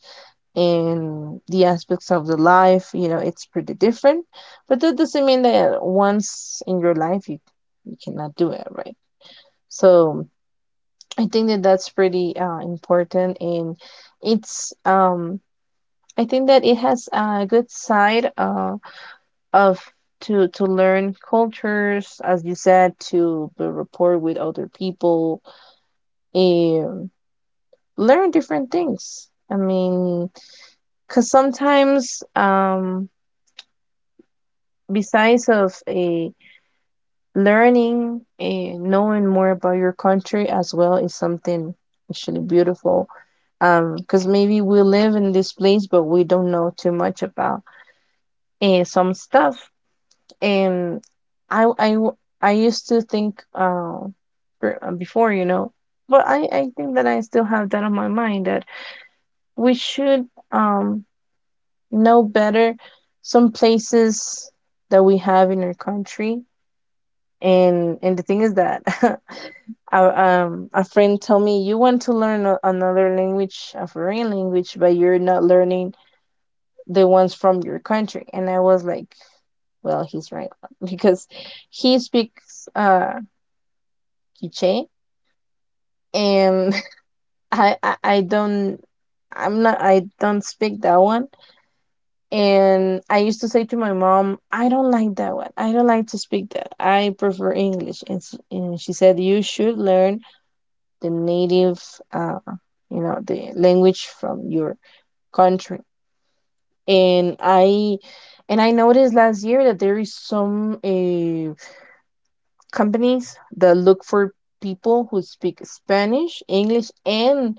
Speaker 2: and the aspects of the life, you know, it's pretty different. But that doesn't mean that once in your life you cannot do it, right? So I think that that's pretty, important, and it's, I think that it has a good side, of to learn cultures, as you said, to build rapport with other people and learn different things. I mean, because sometimes besides of a learning and knowing more about your country as well is something actually beautiful. Because maybe we live in this place, but we don't know too much about some stuff. And I, I w- I used to think before, you know, but I think that I still have that on my mind, that we should um know better some places that we have in our country. And the thing is that our, a friend told me, you want to learn another language, a foreign language, but you're not learning the ones from your country. And I was like, well, he's right, because he speaks Quiche, and I don't, I don't speak that one. And I used to say to my mom, I don't like that one. I don't like to speak that. I prefer English. And, she said, you should learn the native, uh, you know, the language from your country. And I noticed last year that there is some companies that look for people who speak Spanish, English, and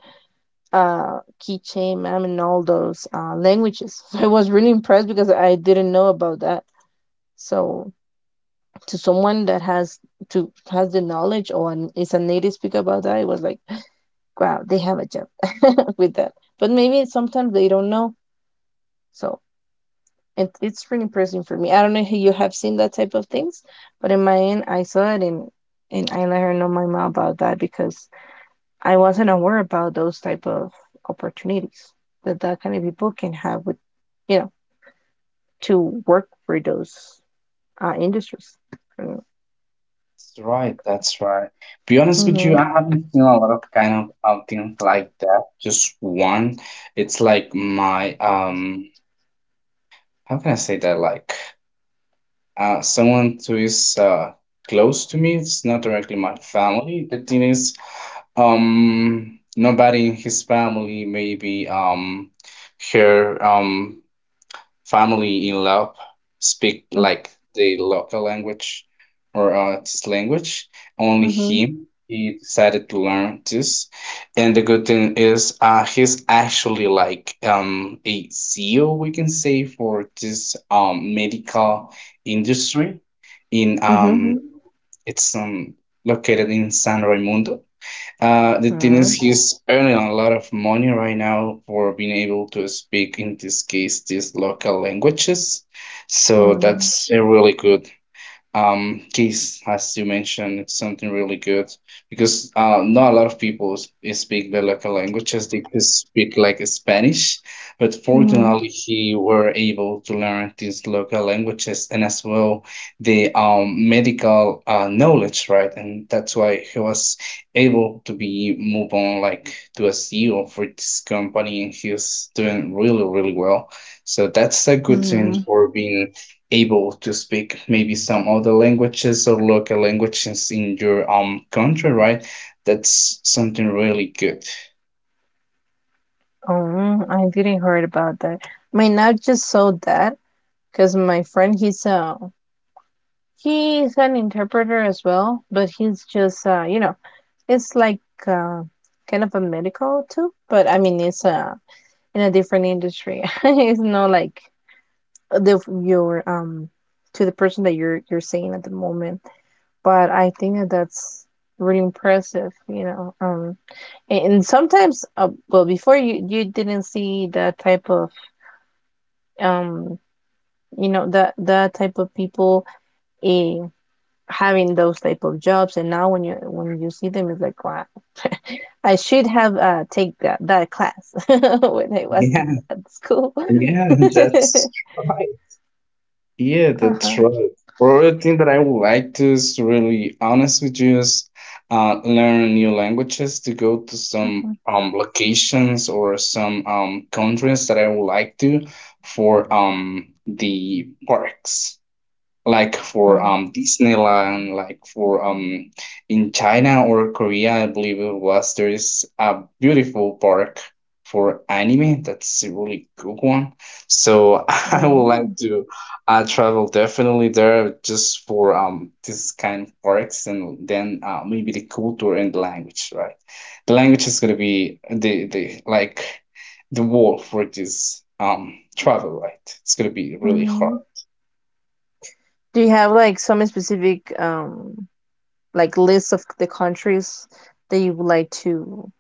Speaker 2: Quiche, Mam, and all those languages. So I was really impressed because I didn't know about that. So to someone that has the knowledge or is a native speaker about that, it was like, wow, they have a job with that. But maybe sometimes they don't know. So it's really impressive for me. I don't know if you have seen that type of things, but in my end, I saw it. And I let her know, my mom, about that, because I wasn't aware about those type of opportunities that that kind of people can have, with you know, to work for those industries. Mm-hmm.
Speaker 1: that's right, that's right. Be honest with you,
Speaker 2: Mm-hmm.
Speaker 1: I haven't seen a lot of kind of outings like that. Just one. It's like my how can I say that? Like someone who is close to me. It's not directly my family. The thing is, nobody in his family, maybe her family in Laos speak like the local language or this language. Only
Speaker 2: Mm-hmm.
Speaker 1: him, he decided to learn this. And the good thing is, he's actually like a CEO, we can say, for this medical industry in, it's located in San Raimundo. The thing is,
Speaker 2: Mm-hmm.
Speaker 1: he's earning a lot of money right now for being able to speak, in this case, these local languages. So
Speaker 2: Mm-hmm.
Speaker 1: that's a really good Kiss, as you mentioned, it's something really good because not a lot of people speak the local languages. They just speak like Spanish, but fortunately, he were able to learn these local languages, and as well the medical knowledge, right? And that's why he was able to be move on like to a CEO for this company, and he's doing really, really well. So that's a good thing
Speaker 2: Mm-hmm.
Speaker 1: for being able to speak maybe some other languages or local languages in your country, right? That's something really good.
Speaker 2: Oh, I didn't heard about that. I mean, not just so that, because my friend, he's an interpreter as well, but he's just you know, it's like uh, kind of a medical too. But I mean, it's a in a different industry. it's not like the your to the person that you're saying at the moment. But I think that that's really impressive, you know. And, sometimes, well, before you didn't see that type of um, you know, that that type of people eh, having those type of jobs. And now when you see them, it's like, wow, I should have take that class when I was
Speaker 1: Yeah,
Speaker 2: at school.
Speaker 1: yeah, that's right. Yeah, that's
Speaker 2: uh-huh.
Speaker 1: right. Another thing that I would like to is really honest with you is learn new languages to go to some locations or some countries that I would like to for the parks. Like for
Speaker 2: Mm,
Speaker 1: Disneyland, like for in China or Korea, I believe it was there is a beautiful park for anime. That's a really good one. So I would
Speaker 2: mm,
Speaker 1: like to travel definitely there just for this kind of parks, and then maybe the culture and the language, right? The language is gonna be the like the wall for this travel, right? It's gonna be really hard.
Speaker 2: mhm. Do you have like some specific like list of the countries that you would like to,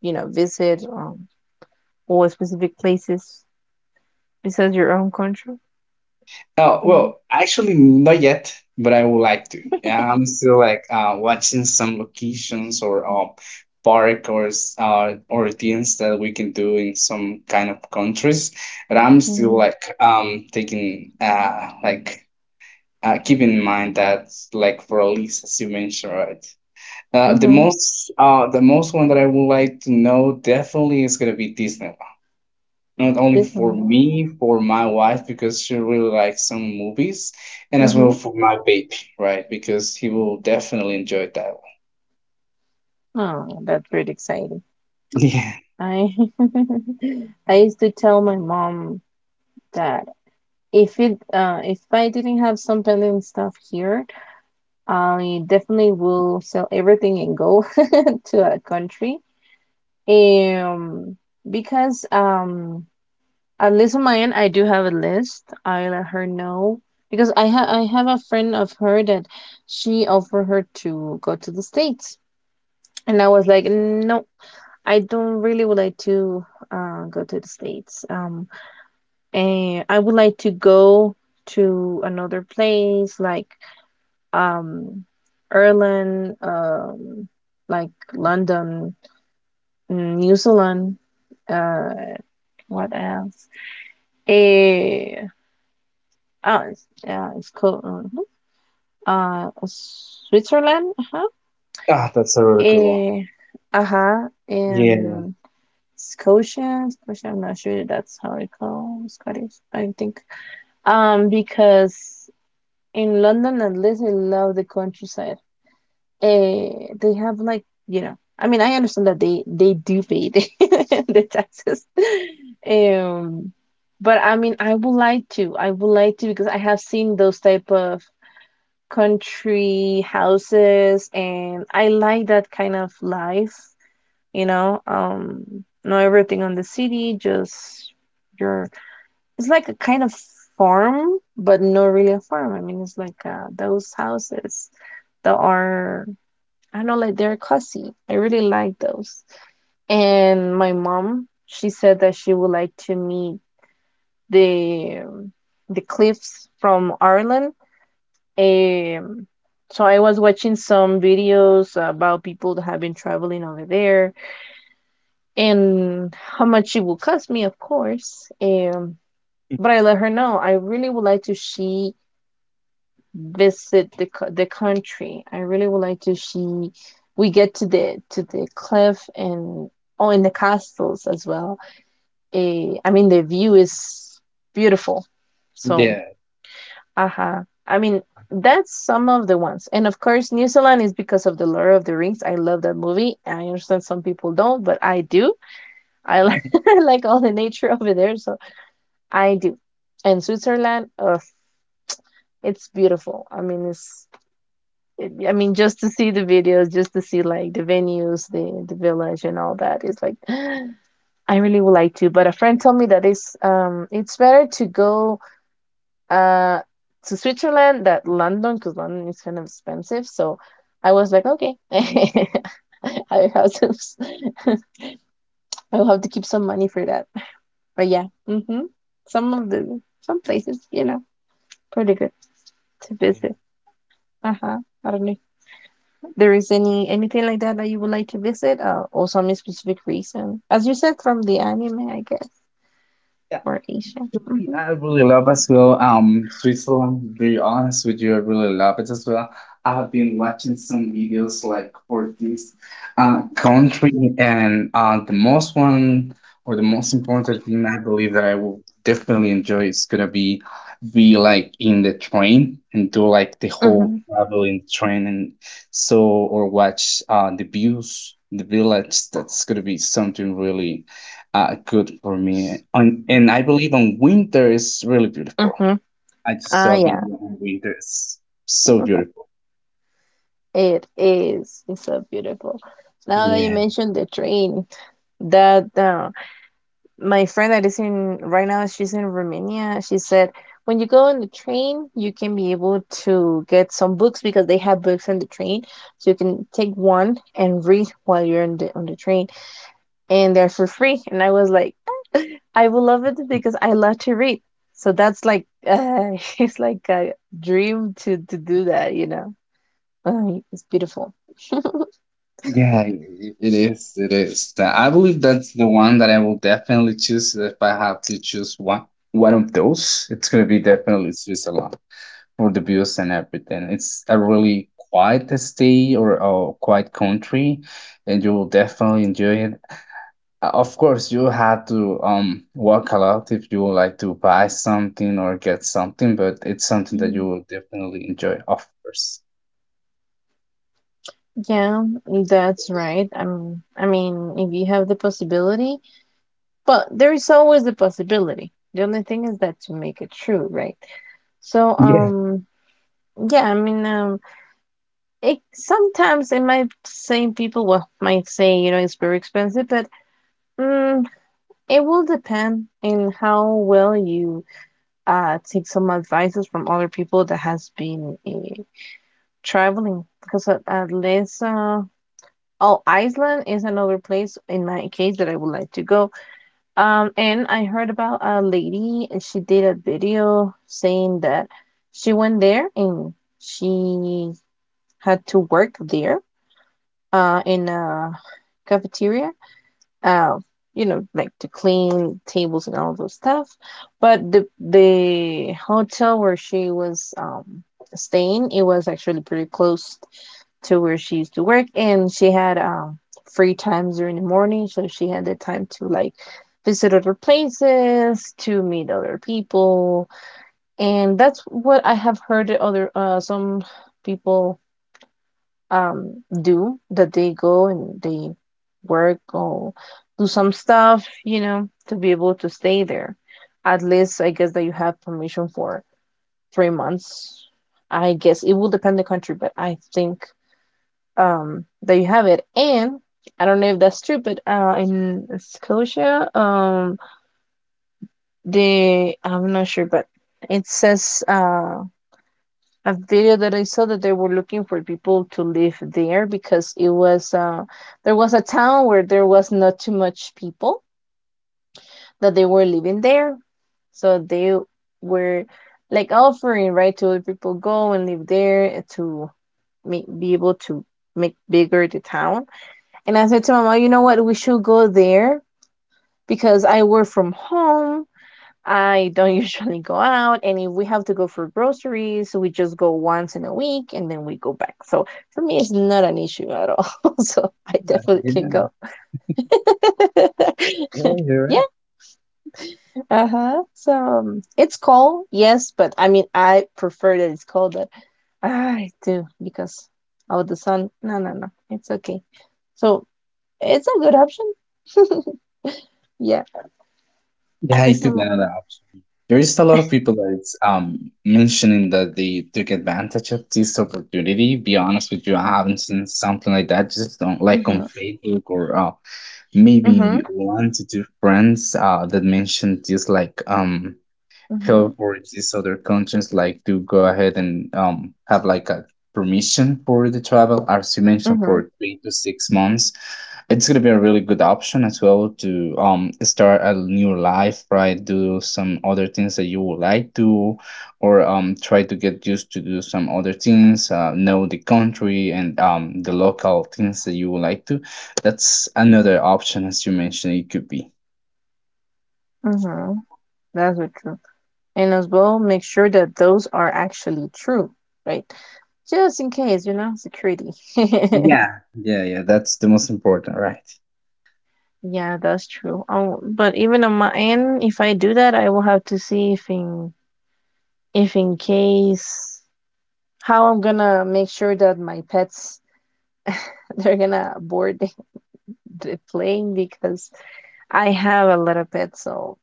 Speaker 2: you know, visit, or specific places besides your own country?
Speaker 1: Oh,
Speaker 2: You know.
Speaker 1: well, actually, not yet, but I would like to. Yeah, I'm still like watching some locations or park or or things that we can do in some kind of countries. But I'm still
Speaker 2: Mm-hmm.
Speaker 1: like taking like keeping in mind that like for at least as you mentioned, right? The
Speaker 2: Mm-hmm.
Speaker 1: most one that I would like to know definitely is gonna be Disneyland, not only
Speaker 2: This
Speaker 1: for
Speaker 2: one.
Speaker 1: me, for my wife because she really likes some movies, and as well
Speaker 2: Mm-hmm.
Speaker 1: for my baby, right? Because he will definitely enjoy that one.
Speaker 2: Oh, that's really exciting.
Speaker 1: Yeah.
Speaker 2: I I used to tell my mom that if I didn't have some pending stuff here, I definitely will sell everything and go to a country. Um, because at least on my end, I do have a list. I let her know, because I have a friend of her that she offered her to go to the States, and I was like, no, I don't really would like to go to the States. And I would like to go to another place, like um, Ireland, like London, mm, New Zealand. Uh, what else? Eh, oh, it's, yeah, it's called mhm. Switzerland. Uh-huh.
Speaker 1: Ah, that's a really good one.
Speaker 2: Eh, uh-huh.
Speaker 1: Yeah.
Speaker 2: And Scotia, Scotia. I'm not sure that's how it called. Scottish, I think. Because in London, at least, I love the countryside. eh, they have like, you know, I mean, I understand that they do pay the, the taxes, um but I mean, I would like to I would like to, because I have seen those type of country houses, and I like that kind of life, you know. Not everything on the city, just your, it's like a kind of farm, but not really a farm. I mean, it's like those houses that are, I know, like they're classy. I really like those. And my mom, she said that she would like to meet the um, the cliffs from Ireland. Um, so I was watching some videos about people that have been traveling over there, and how much it will cost me, of course. But I let her know, I really would like to see visit the country. I really would like to see we get to the cliff, and oh, and the castles as well. I mean, the view is beautiful. So,
Speaker 1: Yeah.
Speaker 2: aha. I mean, that's some of the ones. And of course, New Zealand is because of the Lord of the Rings. I love that movie. I understand some people don't, but I do. I like, I like all the nature over there, so I do. And Switzerland, oh, it's beautiful. I mean, it's I mean, just to see the videos, just to see like the venues, the village, and all that. It's like, I really would like to. But a friend told me that it's better to go uh to Switzerland than London, because London is kind of expensive. So I was like, okay, I have to I will have to keep some money for that. But yeah, mm-hmm, some of the some places, you know, pretty good to visit. Uh huh. I don't know there is anything like that that you would like to visit, or some specific reason as you said, from the anime, I guess,
Speaker 1: Yeah.
Speaker 2: or Asia.
Speaker 1: Actually,
Speaker 2: Mm-hmm.
Speaker 1: I really love as well, Switzerland. Be honest with you, I really love it as well. I've been watching some videos like for this country, and the most one or the most important thing I believe that I will definitely enjoy is gonna be like in the train and do like the whole
Speaker 2: Mm-hmm.
Speaker 1: travel in the train and so, or watch the views, the village. That's gonna be something really good for me. And I believe on winter is really beautiful.
Speaker 2: Mm-hmm.
Speaker 1: I just
Speaker 2: Ah,
Speaker 1: saw a
Speaker 2: yeah,
Speaker 1: video on winter. It's so beautiful.
Speaker 2: it is, it's so beautiful. Now that you
Speaker 1: Yeah.
Speaker 2: mentioned the train, that my friend that is in right now, she's in Romania, she said, when you go on the train, you can be able to get some books, because they have books on the train, so you can take one and read while you're on the train, and they're for free. And I was like, I will love it, because I love to read. So that's like, it's like a dream to do that, you know. It's beautiful.
Speaker 1: Yeah, it is. It is. I believe that's the one that I will definitely choose if I have to choose one. One of those, it's gonna be definitely Switzerland for the views and everything. It's a really quiet state or a quiet country, and you will definitely enjoy it. Of course, you have to work a lot if you would like to buy something or get something, but it's something that you
Speaker 2: Mm,
Speaker 1: will definitely enjoy, of course.
Speaker 2: yeah, that's right. I mean, if you have the possibility, but there is always the possibility. The only thing is that to make it true, right? So,
Speaker 1: Yeah,
Speaker 2: yeah, I mean, it sometimes it might say people, well, might say, you know, it's very expensive, but mm, it will depend in how well you take some advices from other people that has been traveling. Because at least oh, Iceland is another place in my case that I would like to go. And I heard about a lady, and she did a video saying that she went there, and she had to work there in a cafeteria, uh, you know, like to clean tables and all those stuff. But the hotel where she was staying, it was actually pretty close to where she used to work, and she had free times during the morning, so she had the time to like visit other places, to meet other people. And that's what I have heard other some people do, that they go and they work or do some stuff, you know, to be able to stay there. At least I guess that you have permission for 3 months, I guess it will depend the country, but I think that you have it. And I don't know if that's true, but in Scotia, they, I'm not sure, but it says a video that I saw, that they were looking for people to live there, because it was there was a town where there was not too much people that they were living there, so they were like offering, right, to other people go and live there, to make, be able to make bigger the town. And I said to my mom, you know what, we should go there, because I work from home, I don't usually go out, and if we have to go for groceries, we just go once in a week, and then we go back. So for me, it's not an issue at all. so I definitely can
Speaker 1: yeah,
Speaker 2: go.
Speaker 1: yeah, you're
Speaker 2: yeah,
Speaker 1: right.
Speaker 2: uh huh. So it's cold, yes, but I mean, I prefer that it's colder. I do, because of the sun. No, no, no, it's okay. So it's a good option. Yeah,
Speaker 1: Yeah,
Speaker 2: and
Speaker 1: it
Speaker 2: it's
Speaker 1: could be
Speaker 2: not.
Speaker 1: another option. There is a lot of people that it's mentioning that they took advantage of this opportunity. Be honest with you, I haven't seen something like that. Just don't like on
Speaker 2: Mm-hmm,
Speaker 1: Facebook or maybe
Speaker 2: mm-hmm,
Speaker 1: one to two friends that mentioned this, like
Speaker 2: mm-hmm,
Speaker 1: help for these other countries, like to go ahead and have like a permission for the travel, as you mentioned,
Speaker 2: mm-hmm,
Speaker 1: for 3 to 6 months. It's going to be a really good option as well to start a new life, right? Do some other things that you would like to, or try to get used to do some other things. Know the country and the local things that you would like to. That's another option, as you mentioned. It could be.
Speaker 2: mm-hmm. That's what true. And as well, make sure that those are actually true, right? Just in case, you know, security.
Speaker 1: Yeah, yeah, yeah, that's the most important, right?
Speaker 2: Yeah, that's true. But even on my end, if I do that, I will have to see if in case how I'm gonna make sure that my pets, they're gonna board the plane, because I have a lot of pets, so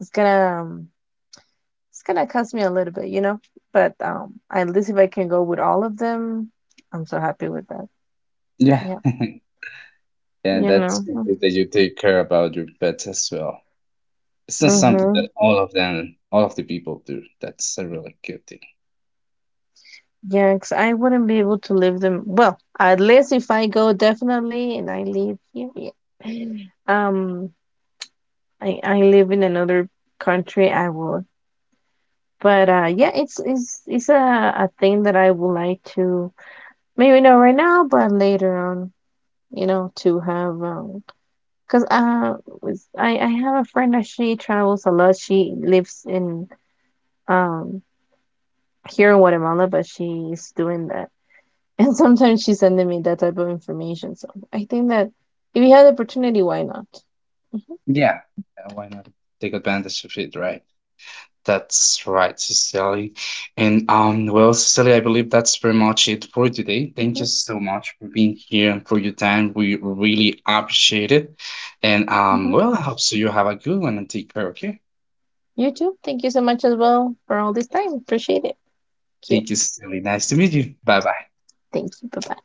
Speaker 2: it's gonna, it's gonna cost me a little bit, you know. But at least if I can go with all of them, I'm so happy with that.
Speaker 1: Yeah,
Speaker 2: Yeah.
Speaker 1: yeah,
Speaker 2: You
Speaker 1: that's
Speaker 2: know,
Speaker 1: good that you take care about your pets as well. It's not something
Speaker 2: mm-hmm.
Speaker 1: that all of them, all of the people do. That's a really good thing.
Speaker 2: Yeah, 'cause I wouldn't be able to leave them. Well, at least if I go, definitely, and I leave here, yeah. I live in another country, I would. But yeah, it's a thing that I would like to, maybe not right now, but later on, you know, to have, 'cause I have a friend that she travels a lot. She lives in um here in Guatemala, but she's doing that, and sometimes she's sending me that type of information. So I think that if you have the opportunity, why not? Mhm,
Speaker 1: Yeah, yeah, why not take advantage of it, right? That's right, Cecily. And, well, Cecily, I believe that's pretty much it for today. Thank you
Speaker 2: mhm,
Speaker 1: so much for being here and for your time. We really appreciate it. And,
Speaker 2: mhm.
Speaker 1: well, I hope so you have a good one, and take care. Okay,
Speaker 2: You too. Thank you so much as well for all this time. Appreciate it. Thank you.
Speaker 1: thank you, Cecily. Nice to meet you. Bye bye.
Speaker 2: Thank you. Bye bye.